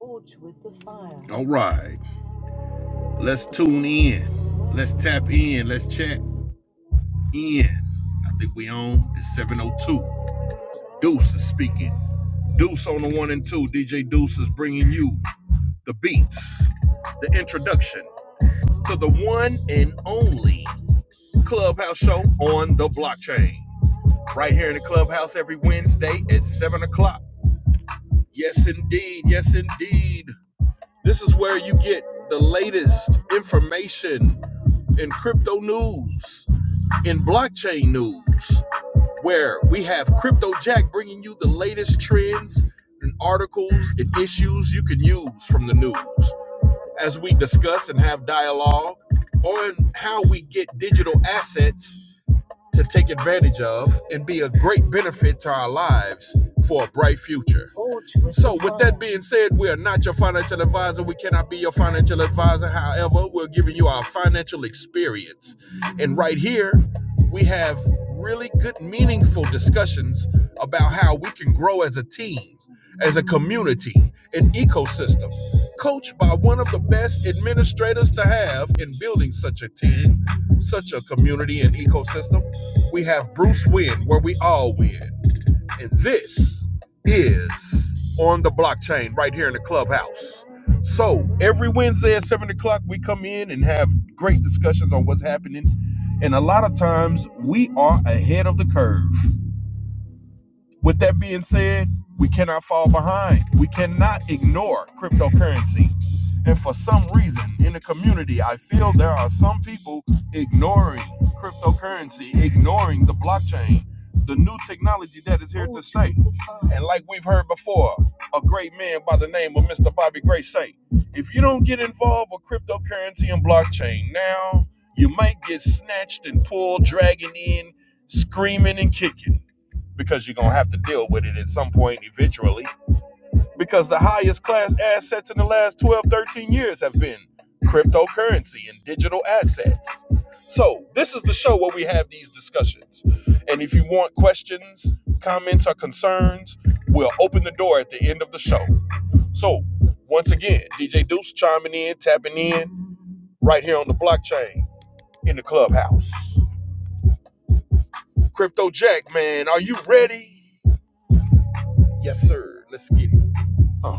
Forged with the fire. All right. Let's tune in. Let's tap in. Let's chat in. I think we on. It's 702. Deuce is speaking. Deuce on the one and two. DJ Deuce is bringing you the beats, the introduction to the one and only Clubhouse show on the blockchain. Right here in the Clubhouse every Wednesday at 7 o'clock. Yes, indeed. Yes, indeed. This is where you get the latest information in crypto news, in blockchain news, where we have Crypto Jack bringing you the latest trends and articles and issues you can use from the news as we discuss and have dialogue on how we get digital assets to take advantage of and be a great benefit to our lives for a bright future. So, with that being said, we are not your financial advisor. We cannot be your financial advisor. However, we're giving you our financial experience. And right here, we have really good, meaningful discussions about how we can grow as a team, as a community, an ecosystem, coached by one of the best administrators to have in building such a team, such a community and ecosystem. We have Bruce Win, where we all win. And this is on the blockchain right here in the clubhouse. So every Wednesday at 7 o'clock, we come in and have great discussions on what's happening. And a lot of times we are ahead of the curve. With that being said, we cannot fall behind. We cannot ignore cryptocurrency. And for some reason in the community, I feel there are some people ignoring cryptocurrency, ignoring the blockchain, the new technology that is here to stay. And like we've heard before, a great man by the name of Mr. Bobby Gray say, if you don't get involved with cryptocurrency and blockchain now, you might get snatched and pulled, dragging in, screaming and kicking because you're going to have to deal with it at some point eventually. Because the highest class assets in the last 12, 13 years have been cryptocurrency and digital assets. So, this is the show where we have these discussions. And if you want questions, comments, or concerns, we'll open the door at the end of the show. So, once again, DJ Deuce chiming in, tapping in right here on the blockchain in the clubhouse. Crypto Jack, man, are you ready? Yes, sir. Let's get it. Uh.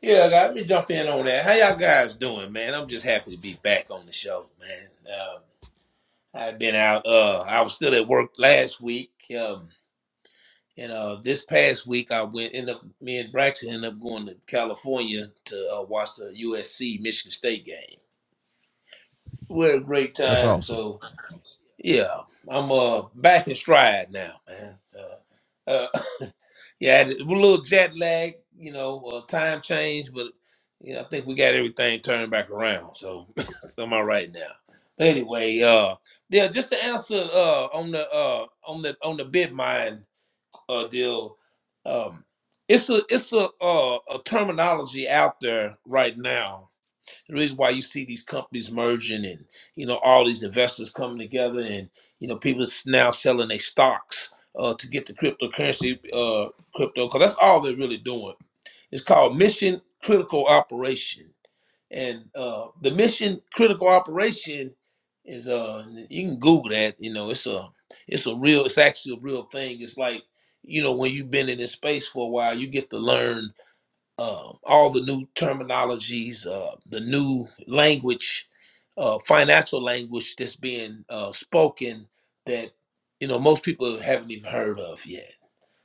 Yeah, let me jump in on that. How y'all guys doing, man? I'm just happy to be back on the show, man. Um, I've been out. Uh, I was still at work last week. Um, and uh, this past week, I went. End up, me and Braxton ended up going to California to uh, watch the USC Michigan State game. We had a great time! So yeah, I'm uh back in stride now, man. Uh, uh, Yeah, a little jet lag, you know, uh, time change, but you know, I think we got everything turned back around. So, so I'm all right now. But anyway, uh, yeah, just to answer uh, on the uh, on the on the bid mine uh, deal, um, it's a it's a uh, a terminology out there right now the reason why you see these companies merging and you know all these investors coming together and you know people s- now selling their stocks uh, to get the cryptocurrency uh, crypto because that's all they're really doing. It's called mission critical operation, and uh, the mission critical operation is uh you can Google that. You know it's a it's a real it's actually a real thing. It's like you know when you've been in this space for a while, you get to learn um, all the new terminologies, uh, the new language, uh, financial language that's being uh, spoken that you know most people haven't even heard of yet.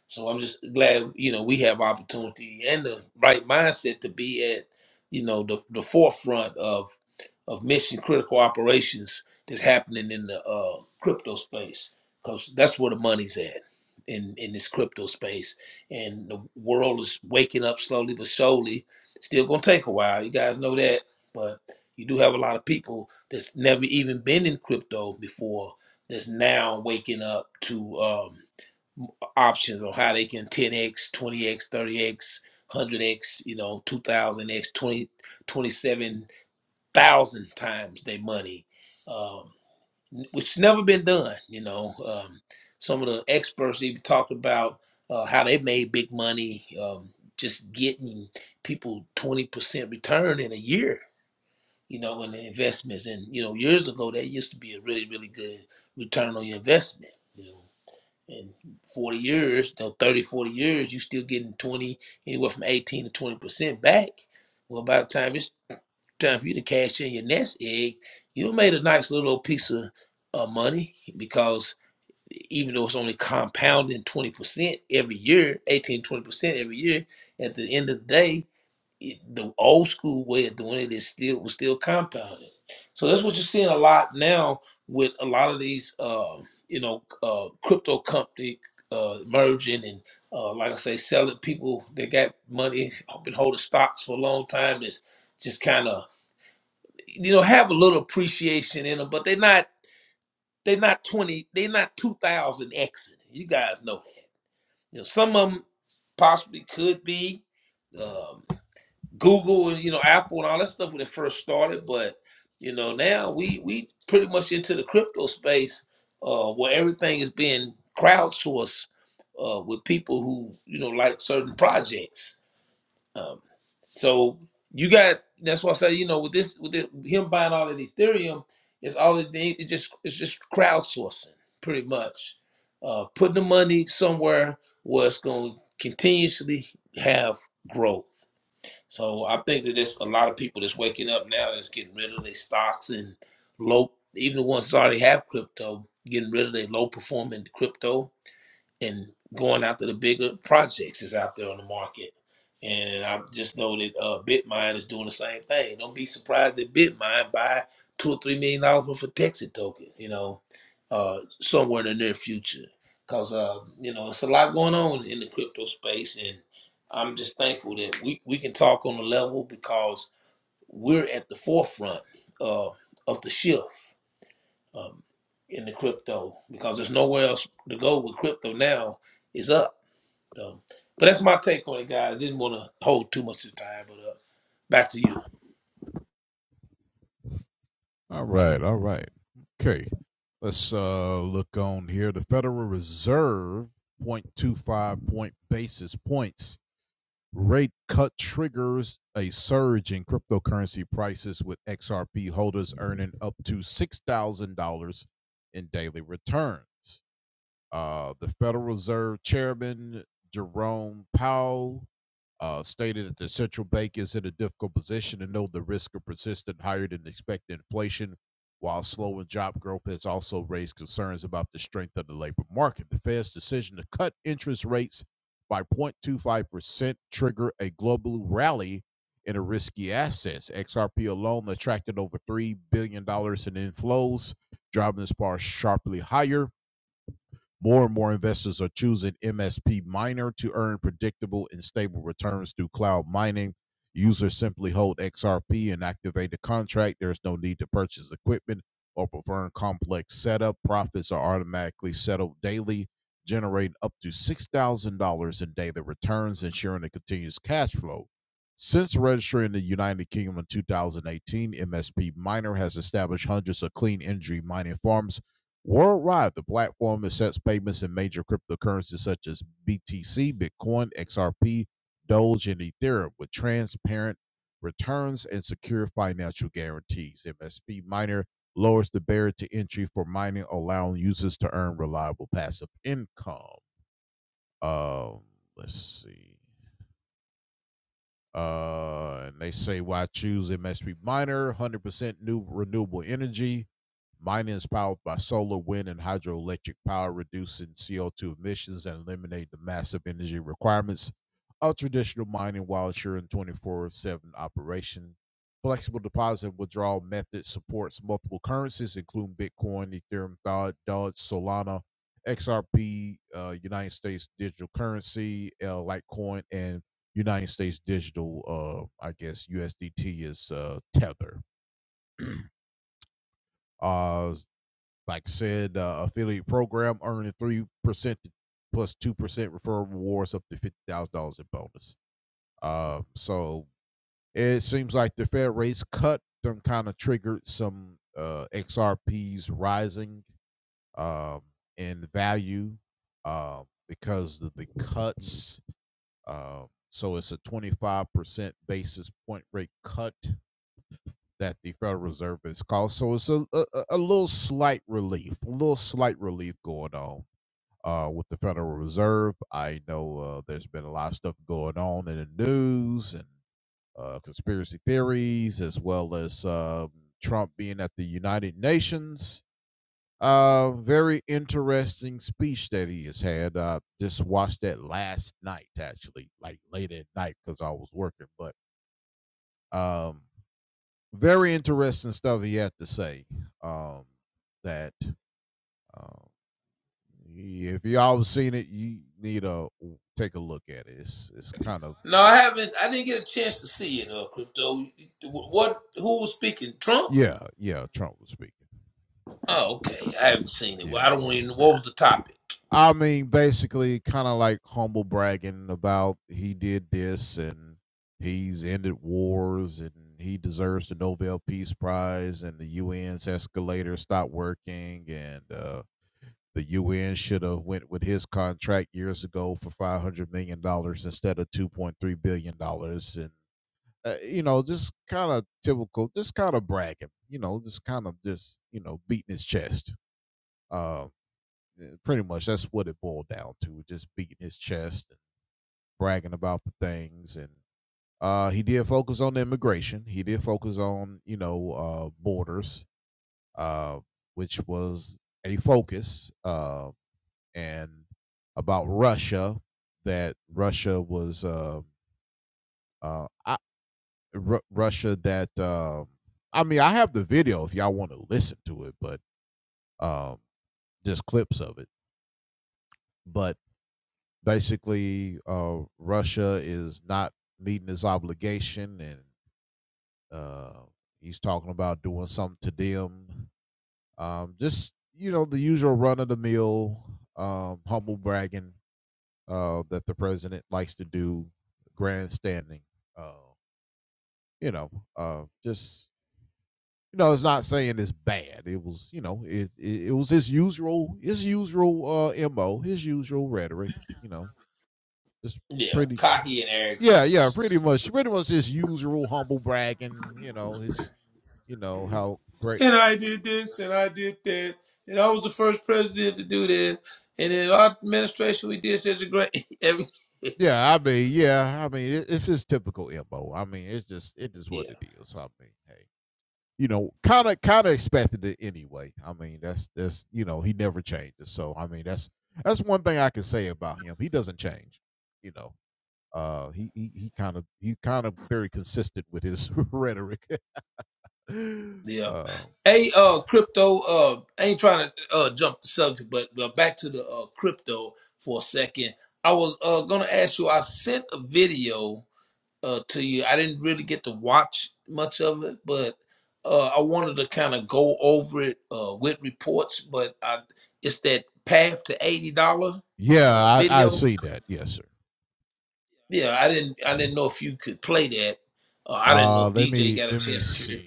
So I'm just glad, you know, we have opportunity and the right mindset to be at, you know, the the forefront of of mission critical operations that's happening in the uh, crypto space because that's where the money's at in in this crypto space and the world is waking up slowly but surely still gonna take a while you guys know that but you do have a lot of people that's never even been in crypto before that's now waking up to Um, options on how they can 10x, 20x, 30x, 100x, you know, 2000x, 20, 27,000 times their money, um, which never been done. You know, um, some of the experts even talked about uh, how they made big money um, just getting people 20% return in a year. You know, in the investments, and you know, years ago, that used to be a really, really good return on your investment. You know, in 40 years, you know, 30, forty years, you still getting 20, anywhere from 18 to 20% back. Well, by the time it's time for you to cash in your nest egg, you made a nice little piece of uh, money because even though it's only compounding 20% every year, eighteen, twenty percent every year, at the end of the day, it, the old school way of doing it is still was still compounded. So that's what you're seeing a lot now with a lot of these, uh, you know, uh, crypto company uh, merging and, uh, like I say, selling people that got money, been holding stocks for a long time. Is just kind of, you know, have a little appreciation in them, but they're not they're not twenty, they're not two thousand X. You guys know that. You know, some of them possibly could be. um, Google and you know Apple and all that stuff when it first started, but you know now we we pretty much into the crypto space uh, where everything is being crowdsourced uh, with people who you know like certain projects. Um, so you got that's why I say you know with this with the, him buying all of Ethereum, it's all it did- it's just it's just crowdsourcing pretty much, uh, putting the money somewhere where it's going to continuously have growth. So I think that there's a lot of people that's waking up now that's getting rid of their stocks and low, even the ones that already have crypto, getting rid of their low performing crypto and going after the bigger projects is out there on the market. And I just know that uh, Bitmine is doing the same thing. Don't be surprised that Bitmine buy two or three million dollars worth of Texas token, you know, uh, somewhere in the near future. Cause uh, you know, it's a lot going on in the crypto space, and I'm just thankful that we we can talk on the level because we're at the forefront uh, of the shift um, in the crypto because there's nowhere else to go with crypto now. It's up. Um, but that's my take on it, guys. Didn't want to hold too much of the time, but uh, back to you. No, I haven't. I didn't get a chance to see it. Uh, crypto. What? Who was speaking? Trump? Oh, okay. I haven't seen it. Well, I don't even. know What was the topic? Yeah, cocky and arrogance. And I did this, and I did that, and I was the first president to do that. And in our administration, we did such a great everything. Yeah. Yeah. Hey, uh, crypto. Uh, I ain't trying to uh jump the subject, but uh, back to the uh, crypto for a second. I was uh gonna ask you. I sent a video uh to you. I didn't really get to watch much of it, but uh, I wanted to kind of go over it uh with reports. But I, it's that path to eighty dollar uh video. Yeah, I didn't. I didn't know if you could play that. Uh, I didn't know if DJ got a chance to hear it.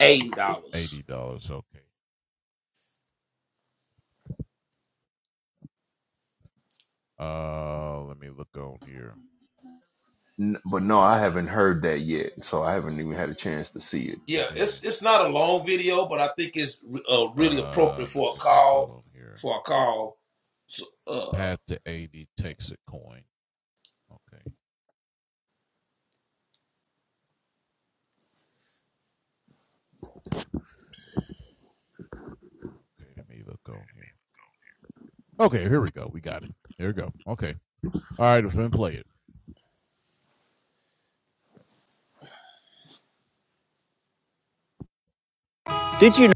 eighty dollars. N- But no, I haven't heard that yet, so I haven't even had a chance to see it. Yeah, it's it's not a long video, but I think it's uh, really appropriate for a call for a call. So, uh, Did you know?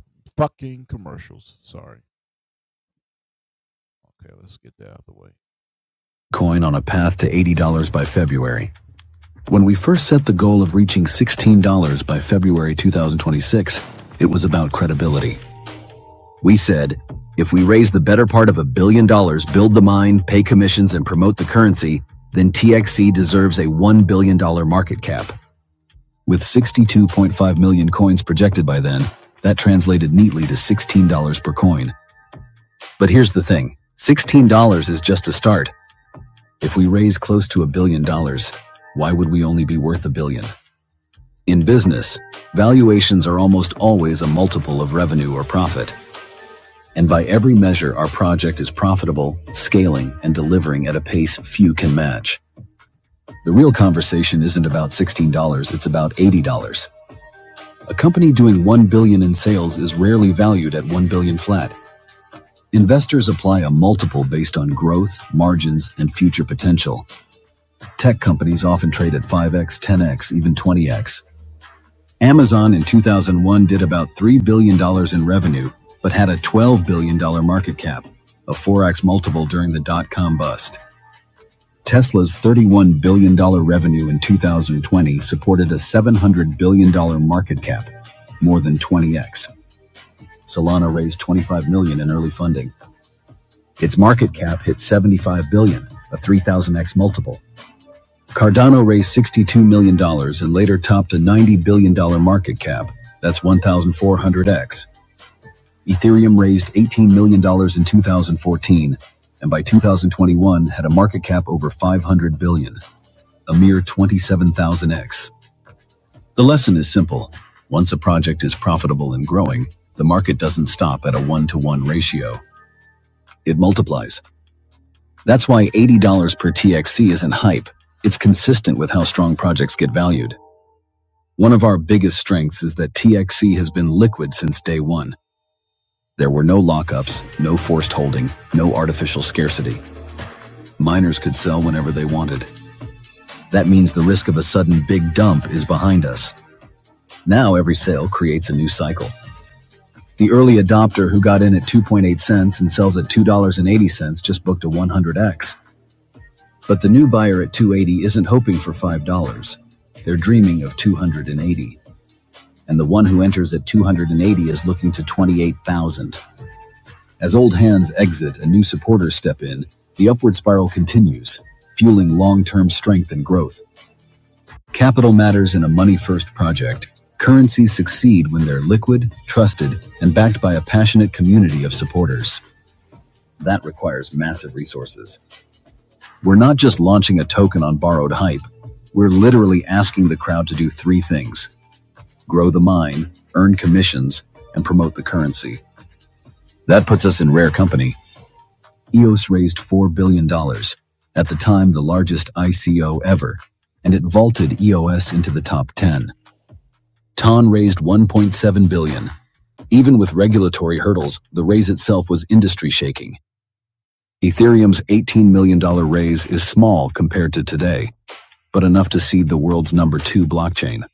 Coin on a path to $80 by February. When we first set the goal of reaching $16 by February 2026, it was about credibility. We said, if we raise the better part of a billion dollars, build the mine, pay commissions, and promote the currency, then TXC deserves a $1 billion dollars market cap. With 62.5 million coins projected by then, that translated neatly to $16 per coin. But here's the thing $16 is just a start. If we raise close to a billion dollars, why would we only be worth a billion? In business, valuations are almost always a multiple of revenue or profit, and by every measure, our project is profitable, scaling, and delivering at a pace few can match. The real conversation isn't about $16, it's about $80. A company doing 1 billion dollars in sales is rarely valued at 1 billion dollars flat. Investors apply a multiple based on growth, margins, and future potential, Tech companies often trade at 5x, 10x, even 20x. Amazon in 2001 did about $3 billion dollars in revenue, but had a $12 billion dollars market cap, a 4x multiple during the dot com bust. Tesla's $31 billion dollars revenue in 2020 supported a $700 billion dollars market cap, more than 20x. Solana raised 25 million million in early funding. Its market cap hit 75 billion, billion, a 3000x multiple. Cardano raised $62 million dollars and later topped a $90 billion dollars market cap. That's 1,400x. Ethereum raised $18 million dollars in 2014 and by 2021 had a market cap over 500 billion, billion, dollars, a mere 27,000x. The lesson is simple. Once a project is profitable and growing, the market doesn't stop at a one-to-one ratio. It multiplies. That's why $80 per TXC isn't hype. It's consistent with how strong projects get valued. One of our biggest strengths is that TXC has been liquid since day one. There were no lockups, no forced holding, no artificial scarcity. Miners could sell whenever they wanted. That means the risk of a sudden big dump is behind us. Now every sale creates a new cycle. The early adopter who got in at 2.8 cents and sells at $2.80 just booked a 100x. But the new buyer at 280 isn't hoping for $5. They're dreaming of 280. and the one who enters at 280 is looking to 28,000. As old hands exit and new supporters step in, the upward spiral continues, fueling long term strength and growth. Capital matters in a money first project. Currencies succeed when they're liquid, trusted, and backed by a passionate community of supporters. That requires massive resources. We're not just launching a token on borrowed hype, we're literally asking the crowd to do three things grow the mine, earn commissions, and promote the currency. That puts us in rare company. EOS raised $4 billion, dollars, at the time the largest ICO ever, and it vaulted EOS into the top 10. TON raised $1.7 billion. dollars. Even with regulatory hurdles, the raise itself was industry shaking. Ethereum's $18 million dollars raise is small compared to today, but enough to seed the world's number two blockchain.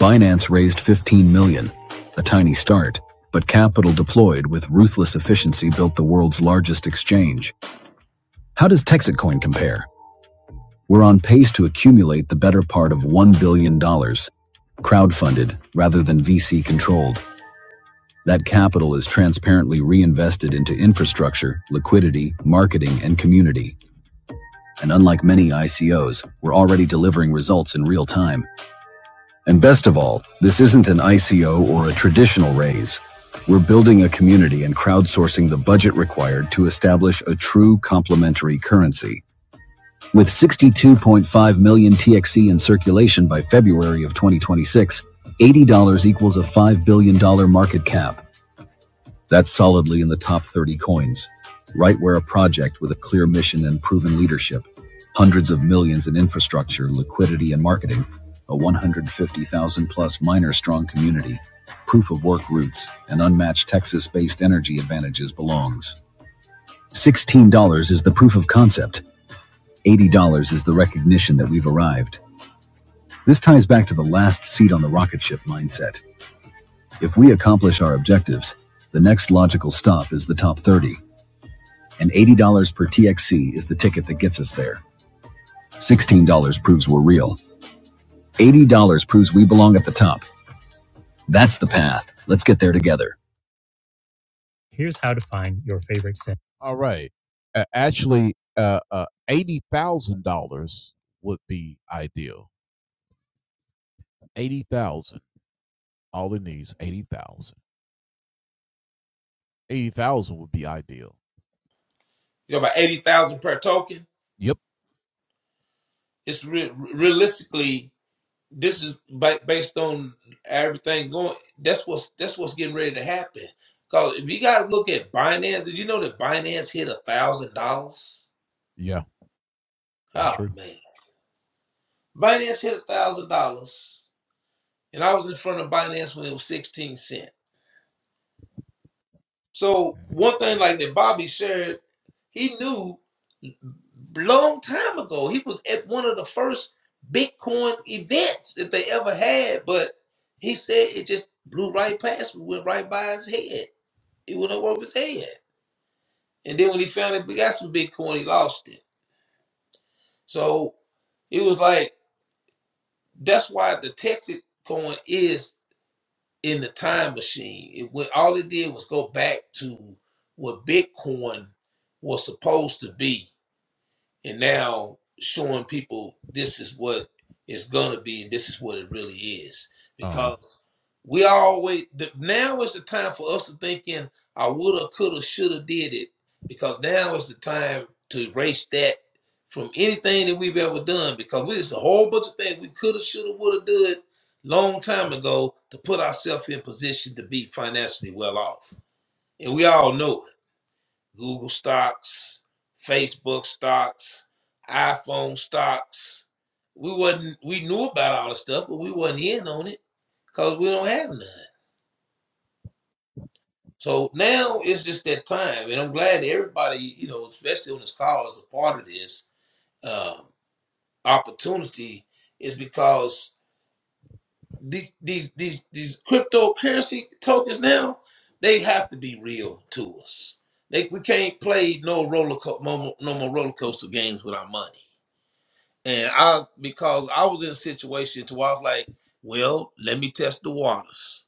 Binance raised $15 million, dollars, a tiny start, but capital deployed with ruthless efficiency built the world's largest exchange. How does Texitcoin compare? We're on pace to accumulate the better part of $1 billion, dollars, crowdfunded rather than VC controlled. That capital is transparently reinvested into infrastructure, liquidity, marketing, and community. And unlike many ICOs, we're already delivering results in real time. And best of all, this isn't an ICO or a traditional raise. We're building a community and crowdsourcing the budget required to establish a true complementary currency. With 62.5 million TXC in circulation by February of 2026, $80 equals a $5 billion dollars market cap. That's solidly in the top 30 coins, right where a project with a clear mission and proven leadership, hundreds of millions in infrastructure, liquidity, and marketing, a 150,000 plus miner strong community, proof of work roots, and unmatched Texas based energy advantages belongs. $16 is the proof of concept. $80 is the recognition that we've arrived. This ties back to the last seat on the rocket ship mindset. If we accomplish our objectives, the next logical stop is the top 30, and $80 per TXC is the ticket that gets us there. $16 proves we're real. $80 proves we belong at the top. That's the path. Let's get there together. you know, about eighty thousand per token. It's re- realistically this is ba- based on everything going. That's what's that's what's getting ready to happen. Cause if you guys look at Binance, did you know that Binance hit a thousand dollars? Oh man, Binance hit a thousand dollars, and I was in front of Binance when it was sixteen cent. So one thing like that Bobby shared He knew long time ago. He was at one of the first Bitcoin events that they ever had, but he said it just blew right past me, went right by his head. It went over his head. And then when he found it, got some Bitcoin, he lost it. So it was like, that's why the Texas coin is in the time machine. It went, all it did was go back to what Bitcoin was supposed to be and now showing people this is what it's gonna be and this is what it really is because we always the, now is the time for us to thinking i woulda coulda shoulda did it because now is the time to erase that from anything that we've ever done because we just a whole bunch of things we coulda shoulda woulda did long time ago to put ourselves in position to be financially well off and we all know it Google stocks, Facebook stocks, iPhone stocks. We wasn't we knew about all the stuff, but we wasn't in on it because we don't have none. So now it's just that time, and I'm glad that everybody, you know, especially on this call, is a part of this um, opportunity. Is because these these these these cryptocurrency tokens now they have to be real to us. They we can't play no roller co- no, more- no more roller coaster games with our money And I because I was in a situation to where I was like, well, let me test the waters.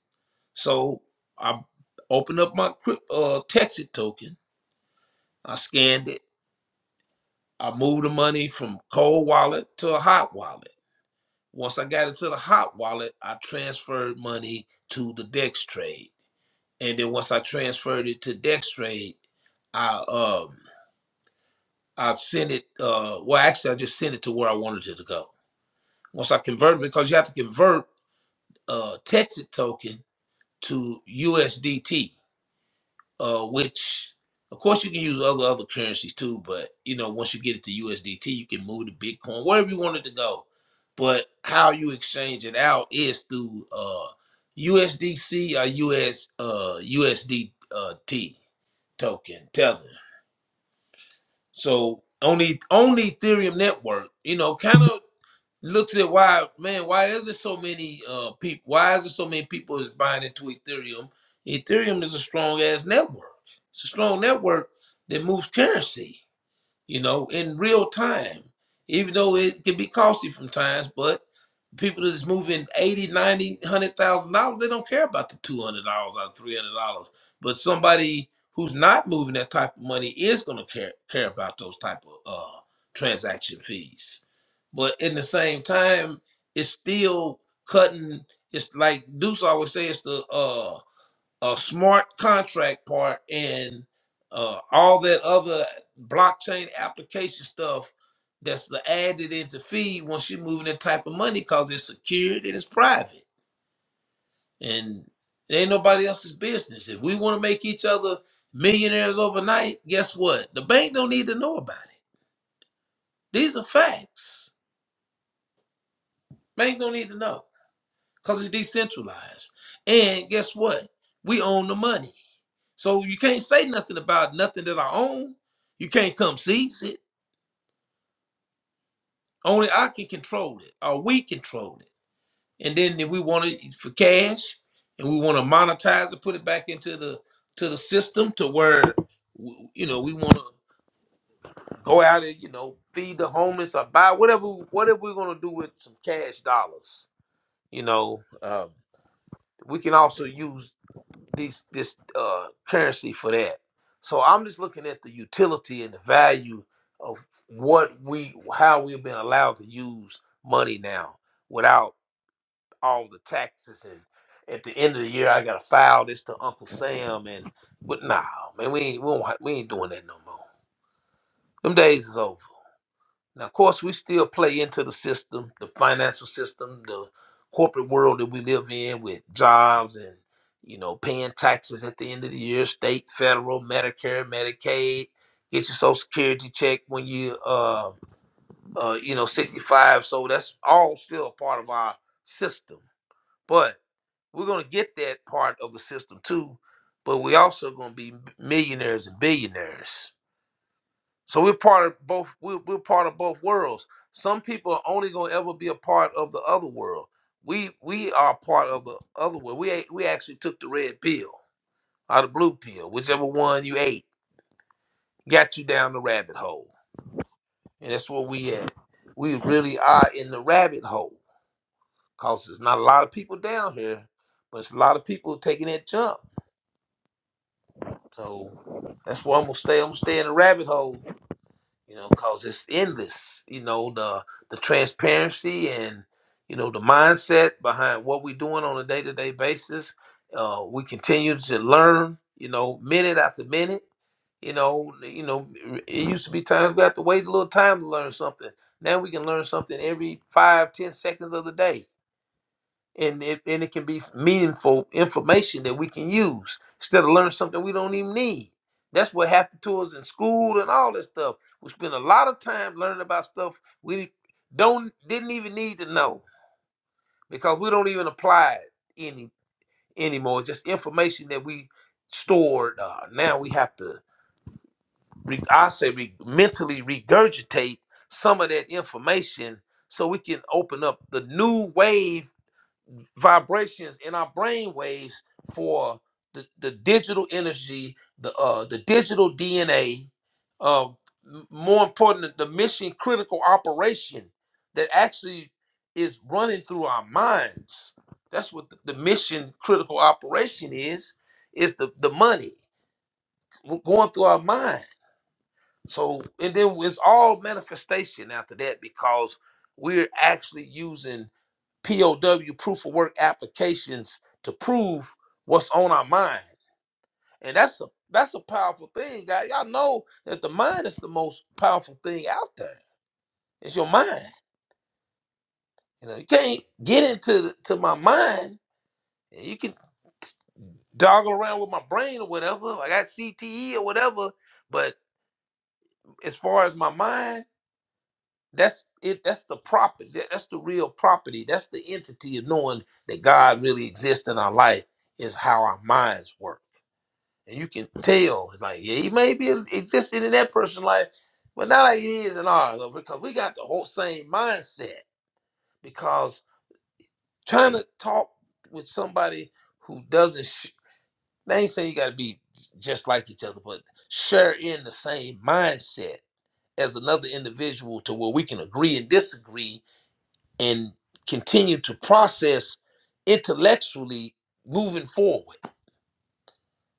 So I opened up my crypt, uh, Texas token. I scanned it. I moved the money from cold wallet to a hot wallet. Once I got it to the hot wallet, I transferred money to the Dex trade. And then once I transferred it to Dex trade, I um I sent it uh well actually I just sent it to where I wanted it to go. Once I converted because you have to convert uh, Texas token to USDT, uh, which of course you can use other other currencies too. But you know, once you get it to USDT, you can move to Bitcoin wherever you want it to go. But how you exchange it out is through uh, USDC or US uh, USDT token tether. So on the on the Ethereum network, you know, kind of looks at why man why is there so many uh people why is there so many people is buying into ethereum ethereum is a strong ass network it's a strong network that moves currency you know, in real time, even though it can be costly from times, but people that's moving 80, ninety, one hundred thousand dollars, they don't care about the $200 or $300. But somebody who's not moving that type of money is going to care, care about those type of uh, transaction fees. But in the same time, it's still cutting. It's like Deuce always says, "It's the uh, a smart contract part and uh, all that other blockchain application stuff that's the added into fee once you're moving that type of money because it's secured and it's private and it ain't nobody else's business. If we want to make each other millionaires overnight, guess what? The bank don't need to know about it. These are facts. Bank don't need to know because it's decentralized. And guess what? We own the money. So you can't say nothing about nothing that I own. You can't come seize it. Only I can control it, or we control it. And then if we want it for cash, and we want to monetize it, put it back into the to the system to where w- you know we want to go out and you know feed the homeless or buy whatever whatever we're gonna do with some cash dollars. You know, um, we can also use these this uh, currency for that. So I'm just looking at the utility and the value of what we how we've been allowed to use money now without all the taxes and at the end of the year I gotta file this to Uncle Sam and but nah man we ain't we, don't, ha- we ain't doing that no more. Them days is over. Now, of course, we still play into the system, the financial system, the corporate world that we live in with jobs and, you know, paying taxes at the end of the year, state, federal, Medicare, Medicaid, get your social security check when you, uh, uh, you know, 65. So that's all still a part of our system. But we're going to get that part of the system too. But we also going to be millionaires and billionaires so we're part of both. We're, we're part of both worlds. Some people are only gonna ever be a part of the other world. We we are part of the other world. We ate, we actually took the red pill or the blue pill, whichever one you ate, got you down the rabbit hole, and that's where we at. We really are in the rabbit hole, cause there's not a lot of people down here, but it's a lot of people taking that jump. So that's where I'm gonna stay. I'm gonna stay in the rabbit hole you know, cause it's endless. You know the the transparency and you know the mindset behind what we're doing on a day to day basis. Uh, we continue to learn, you know, minute after minute. You know, you know, it used to be times we have to wait a little time to learn something. Now we can learn something every five, ten seconds of the day and it, and it can be meaningful information that we can use instead of learning something we don't even need. That's what happened to us in school and all this stuff. We spend a lot of time learning about stuff we don't didn't even need to know because we don't even apply it any anymore. It's just information that we stored. Uh, now we have to, re- I say, re- mentally regurgitate some of that information so we can open up the new wave vibrations in our brain waves for the, the digital energy, the uh, the digital DNA, uh, m- more important, the mission critical operation that actually is running through our minds. That's what the, the mission critical operation is, is the, the money going through our mind. So, and then it's all manifestation after that because we're actually using POW proof of work applications to prove what's on our mind. And that's a that's a powerful thing, guys. Y'all know that the mind is the most powerful thing out there. It's your mind. You know, you can't get into to my mind. You can doggle around with my brain or whatever. Like I got CTE or whatever. But as far as my mind, that's it. That's the property. That's the real property. That's the entity of knowing that God really exists in our life. Is how our minds work. and you can tell, like, yeah, he may be existing in that person's life, but not like it is in ours, though, because we got the whole same mindset. Because trying to talk with somebody who doesn't, sh- they ain't saying you got to be just like each other, but share in the same mindset as another individual to where we can agree and disagree and continue to process intellectually moving forward.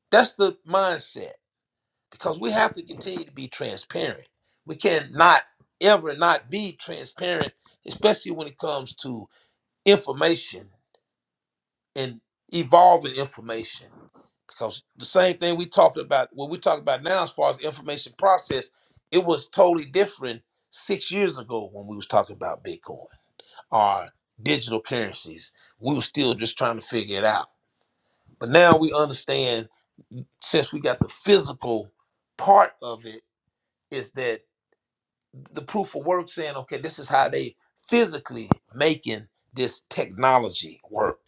That's the mindset because we have to continue to be transparent. We cannot ever not be transparent, especially when it comes to information and evolving information. Because the same thing we talked about, what we talk about now as far as information process, it was totally different six years ago when we was talking about Bitcoin or digital currencies. We were still just trying to figure it out. But now we understand since we got the physical part of it, is that the proof of work saying, okay, this is how they physically making this technology work,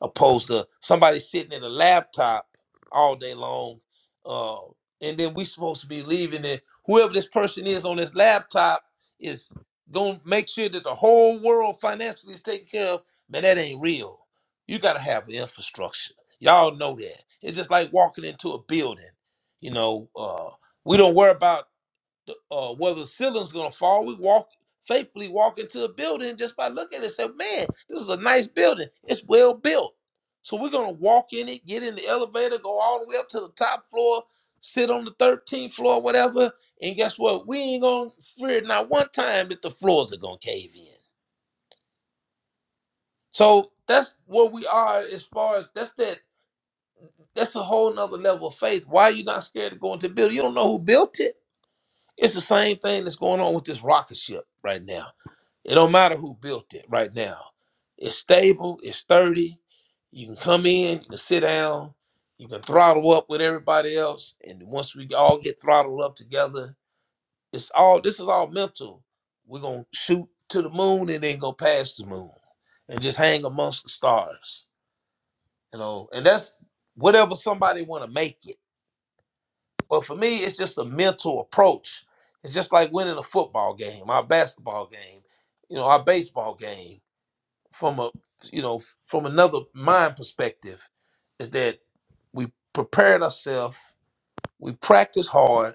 opposed to somebody sitting in a laptop all day long, uh, and then we supposed to be leaving it. Whoever this person is on this laptop is gonna make sure that the whole world financially is taken care of. Man, that ain't real. You gotta have infrastructure. Y'all know that. It's just like walking into a building. You know, uh, we don't worry about the, uh, whether the ceiling's gonna fall. We walk faithfully walk into a building just by looking and Say, man, this is a nice building. It's well built. So we're gonna walk in it, get in the elevator, go all the way up to the top floor, sit on the 13th floor, whatever. And guess what? We ain't gonna fear not one time that the floors are gonna cave in. So that's where we are as far as that's that that's a whole nother level of faith. Why are you not scared to go into the building? You don't know who built it. It's the same thing that's going on with this rocket ship right now It don't matter who built it right now. It's stable, it's sturdy. You can come in, you can sit down, you can throttle up with everybody else. And once we all get throttled up together, it's all this is all mental. We're gonna shoot to the moon and then go past the moon and just hang amongst the stars. You know, and that's whatever somebody wanna make it. But for me, it's just a mental approach. It's just like winning a football game, our basketball game, you know, our baseball game from a you know from another mind perspective is that we prepared ourselves we practiced hard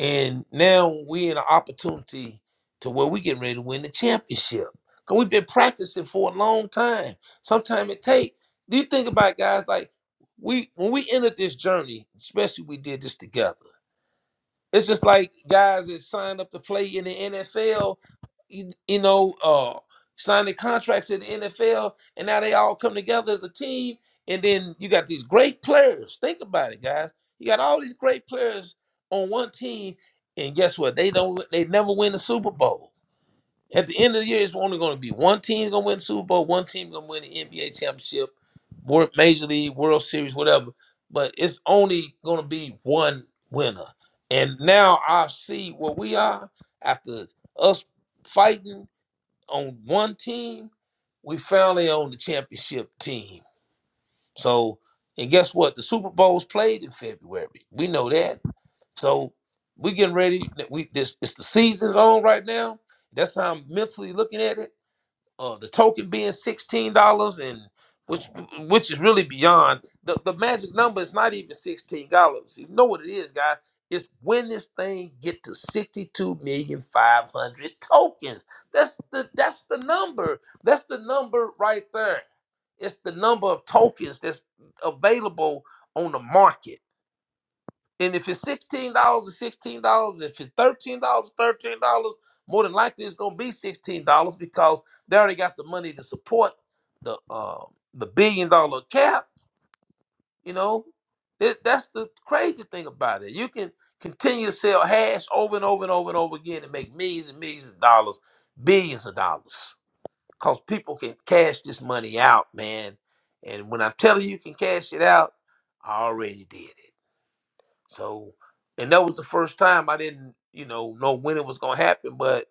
and now we're in an opportunity to where we getting ready to win the championship because we've been practicing for a long time sometimes it take do you think about it, guys like we when we entered this journey especially we did this together it's just like guys that signed up to play in the NFL, you, you know, uh, signing contracts in the NFL, and now they all come together as a team. And then you got these great players. Think about it, guys. You got all these great players on one team, and guess what? They don't. They never win the Super Bowl. At the end of the year, it's only going to be one team going to win the Super Bowl, one team going to win the NBA championship, Wor- Major League, World Series, whatever. But it's only going to be one winner. And now I see where we are after us fighting on one team. We finally own the championship team. So, and guess what? The Super Bowl's played in February. We know that. So we getting ready. We this it's the season's on right now. That's how I'm mentally looking at it uh the token being sixteen dollars and which which is really beyond the, the magic number is not even sixteen dollars. You know what it is, guys? It's when this thing get to sixty two million five hundred tokens. That's the that's the number. That's the number right there. It's the number of tokens that's available on the market. And if it's sixteen dollars, it's sixteen dollars. If it's thirteen dollars, thirteen dollars. More than likely, it's gonna be sixteen dollars because they already got the money to support the uh, the billion dollar cap. You know, That- that's the crazy thing about it. You can continue to sell hash over and over and over and over again and make millions and millions of dollars, billions of dollars, because people can cash this money out, man. And when I'm telling you, you can cash it out, I already did it. So, and that was the first time I didn't, you know, know when it was gonna happen. But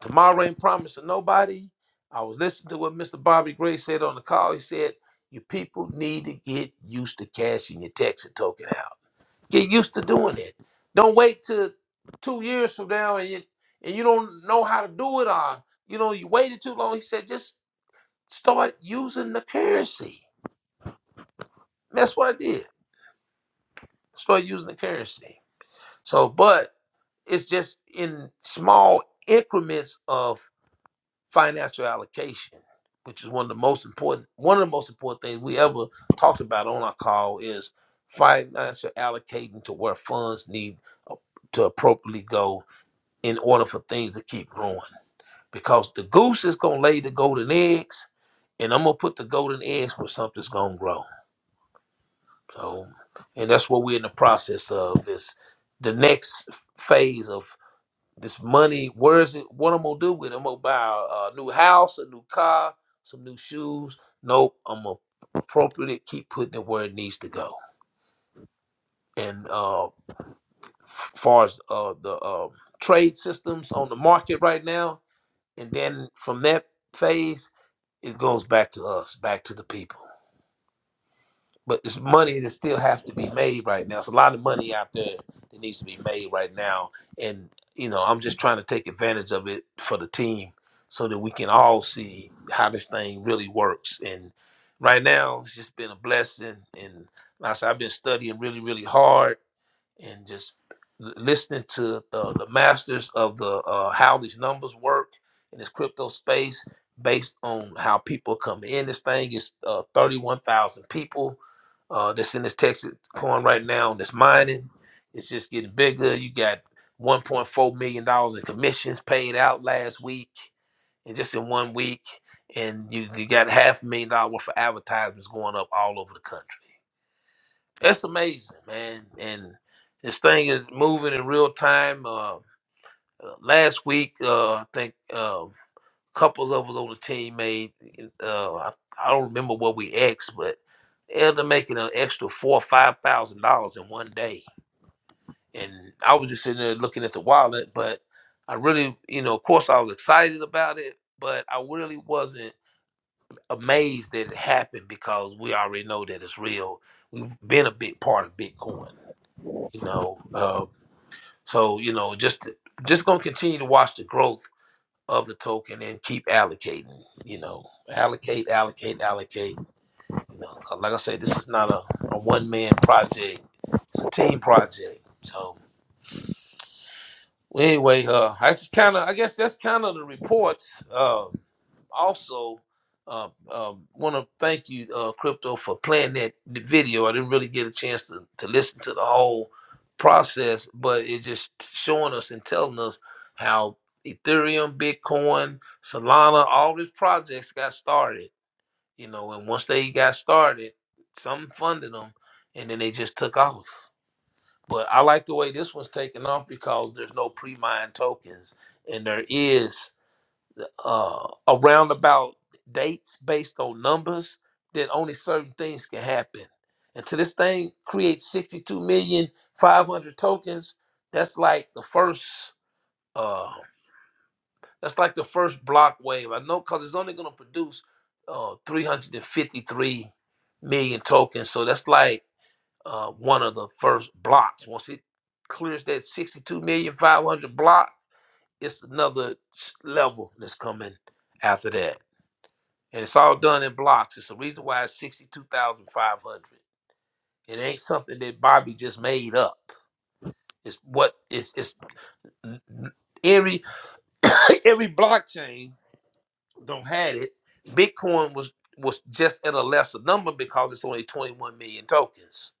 tomorrow ain't promised to nobody. I was listening to what Mr. Bobby Gray said on the call. He said, "You people need to get used to cashing your checks and token out. Get used to doing it. Don't wait till two years from now and you, and you don't know how to do it. Or you know, you waited too long." He said, "Just start using the currency." And that's what I did. Start using the currency. So, but It's just in small increments of financial allocation, which is one of the most important one of the most important things we ever talked about on our call is financial allocating to where funds need to appropriately go in order for things to keep growing. Because the goose is gonna lay the golden eggs, and I'm gonna put the golden eggs where something's gonna grow. So, and that's what we're in the process of is the next phase of This money, where is it? What I'm gonna do with it? I'm gonna buy a, a new house, a new car, some new shoes. Nope, I'm gonna appropriately keep putting it where it needs to go. And uh, f- far as uh, the uh, trade systems on the market right now, and then from that phase, it goes back to us, back to the people. but it's money that still have to be made right now. It's a lot of money out there that needs to be made right now, and you know I'm just trying to take advantage of it for the team so that we can all see how this thing really works. And right now, it's just been a blessing, and like I said, I've been studying really, really hard and just l- listening to uh, the masters of the uh, how these numbers work in this crypto space based on how people come in this thing is uh, 31000 people uh, that's in this texas coin right now and that's mining it's just getting bigger you got 1.4 million dollars in commissions paid out last week and just in one week and you, you got half a million dollar worth of advertisements going up all over the country that's amazing, man. And this thing is moving in real time. Uh, uh, last week, uh, I think uh, couples of us on the team made, uh, I, I don't remember what we asked, but they're making an extra four or five thousand dollars in one day. And I was just sitting there looking at the wallet, but I really, you know, of course I was excited about it, but I really wasn't amazed that it happened because we already know that it's real. We've been a big part of Bitcoin you know uh, so you know just just gonna continue to watch the growth of the token and keep allocating you know allocate allocate allocate you know 'cause like i said this is not a, a one-man project it's a team project so anyway uh that's kind of i guess that's kind of the reports Uh, also uh, um, want to thank you, uh, Crypto, for playing that video. I didn't really get a chance to, to listen to the whole process, but it just showing us and telling us how Ethereum, Bitcoin, Solana, all these projects got started. You know, and once they got started, some funded them, and then they just took off. But I like the way this one's taking off because there's no pre-mined tokens, and there is uh, around about dates based on numbers, then only certain things can happen. Until this thing creates 62 million 500 tokens, that's like the first uh, that's like the first block wave. I know because it's only going to produce uh, 353 million tokens, so that's like uh, one of the first blocks. Once it clears that 62 million 500 block, it's another s- level that's coming after that and it's all done in blocks. It's the reason why it's sixty-two thousand five hundred. It ain't something that Bobby just made up. It's what it's it's every every blockchain don't had it. Bitcoin was was just at a lesser number because it's only twenty-one million tokens.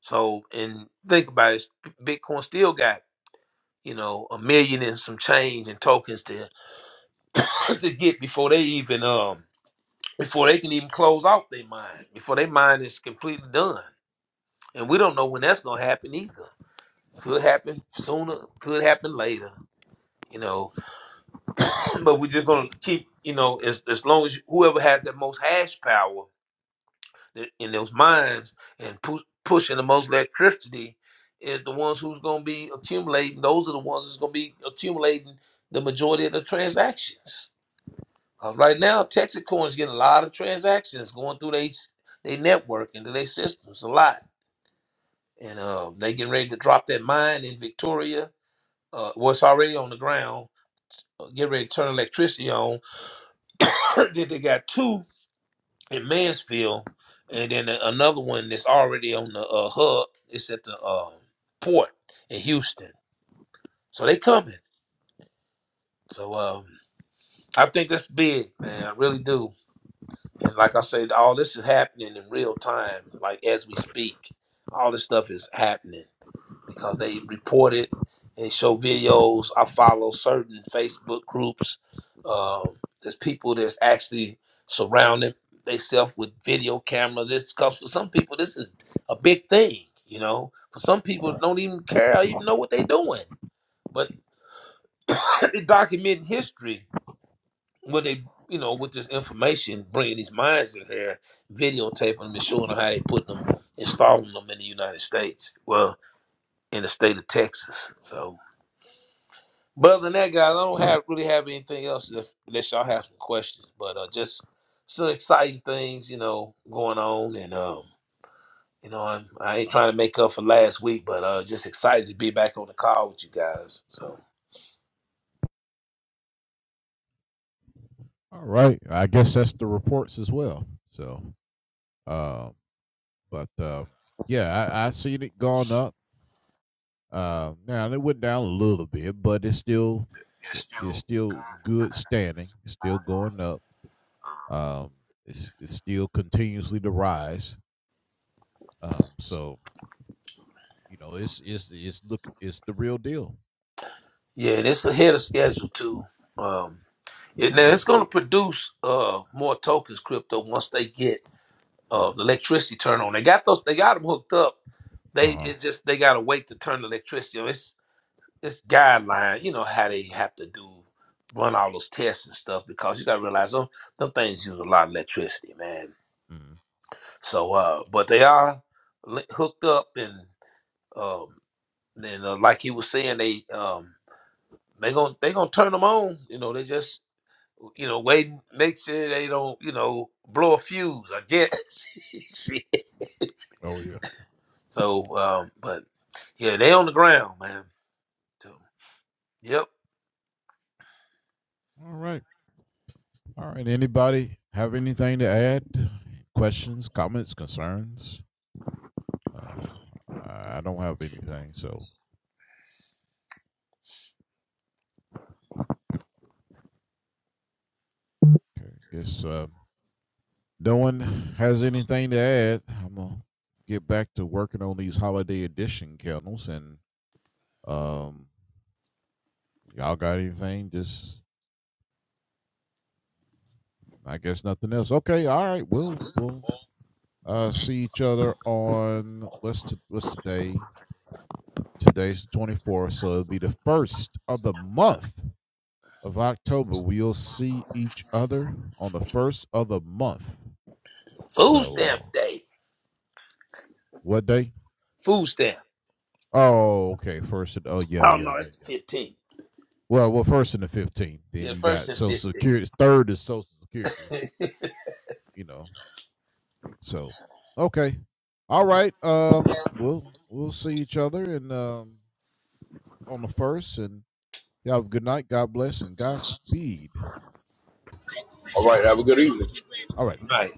So and think about it, Bitcoin still got you know a million and some change in tokens to to get before they even um before they can even close off their mine before their mine is completely done. and we don't know when that's gonna happen either. Could happen sooner, could happen later, you know. But we're just gonna keep, you know, as as long as whoever has the most hash power th- in those mines and pu- pushing the most electricity is the ones who's gonna be accumulating. Those are the ones that's gonna be accumulating the majority of the transactions. Uh, right now, Texas Coin's getting a lot of transactions going through their they network into their systems a lot, and uh, they getting ready to drop that mine in Victoria uh, what's already on the ground, uh, get ready to turn electricity on. then they got two in Mansfield, and then a- another one that's already on the uh, hub. It's at the uh, port in Houston. So they coming. So um, I think that's big, man. I really do. And like I said, all this is happening in real time, like as we speak. All this stuff is happening. because they report it. They show videos. I follow certain Facebook groups. Uh, there's people that's actually surrounding themselves with video cameras. It's because for some people this is a big thing. You know, for some people don't even care or even know what they're doing, but they document history. What they you know with this information, bringing these mines in here, videotaping them and showing them how they put them, installing them in the United States. Well, in the state of Texas, so. But other than that, guys, I don't have really have anything else unless, unless y'all have some questions. But uh, just some exciting things, you know, going on, and um, you know, I'm, I ain't trying to make up for last week, but uh, just excited to be back on the call with you guys. So yeah, and it's ahead of schedule too. Um, it, now it's going to produce uh more tokens crypto once they get uh the electricity turned on. They got those, they got them hooked up. They it's just they got to wait to turn the electricity on. this guideline, you know, how they have to do run all those tests and stuff because you gotta realize them them things use a lot of electricity, man. So uh but they are li- hooked up and um and uh, like he was saying they um they gonna they gonna turn them on, you know, they just you know, waiting make sure they don't, you know, blow a fuse, I guess. Shit. so um but yeah, they on the ground, man. So, yep. Food stamp day. Food stamp. Oh no, that's the 15th. Yeah, first and 15. All right, have a good evening. right.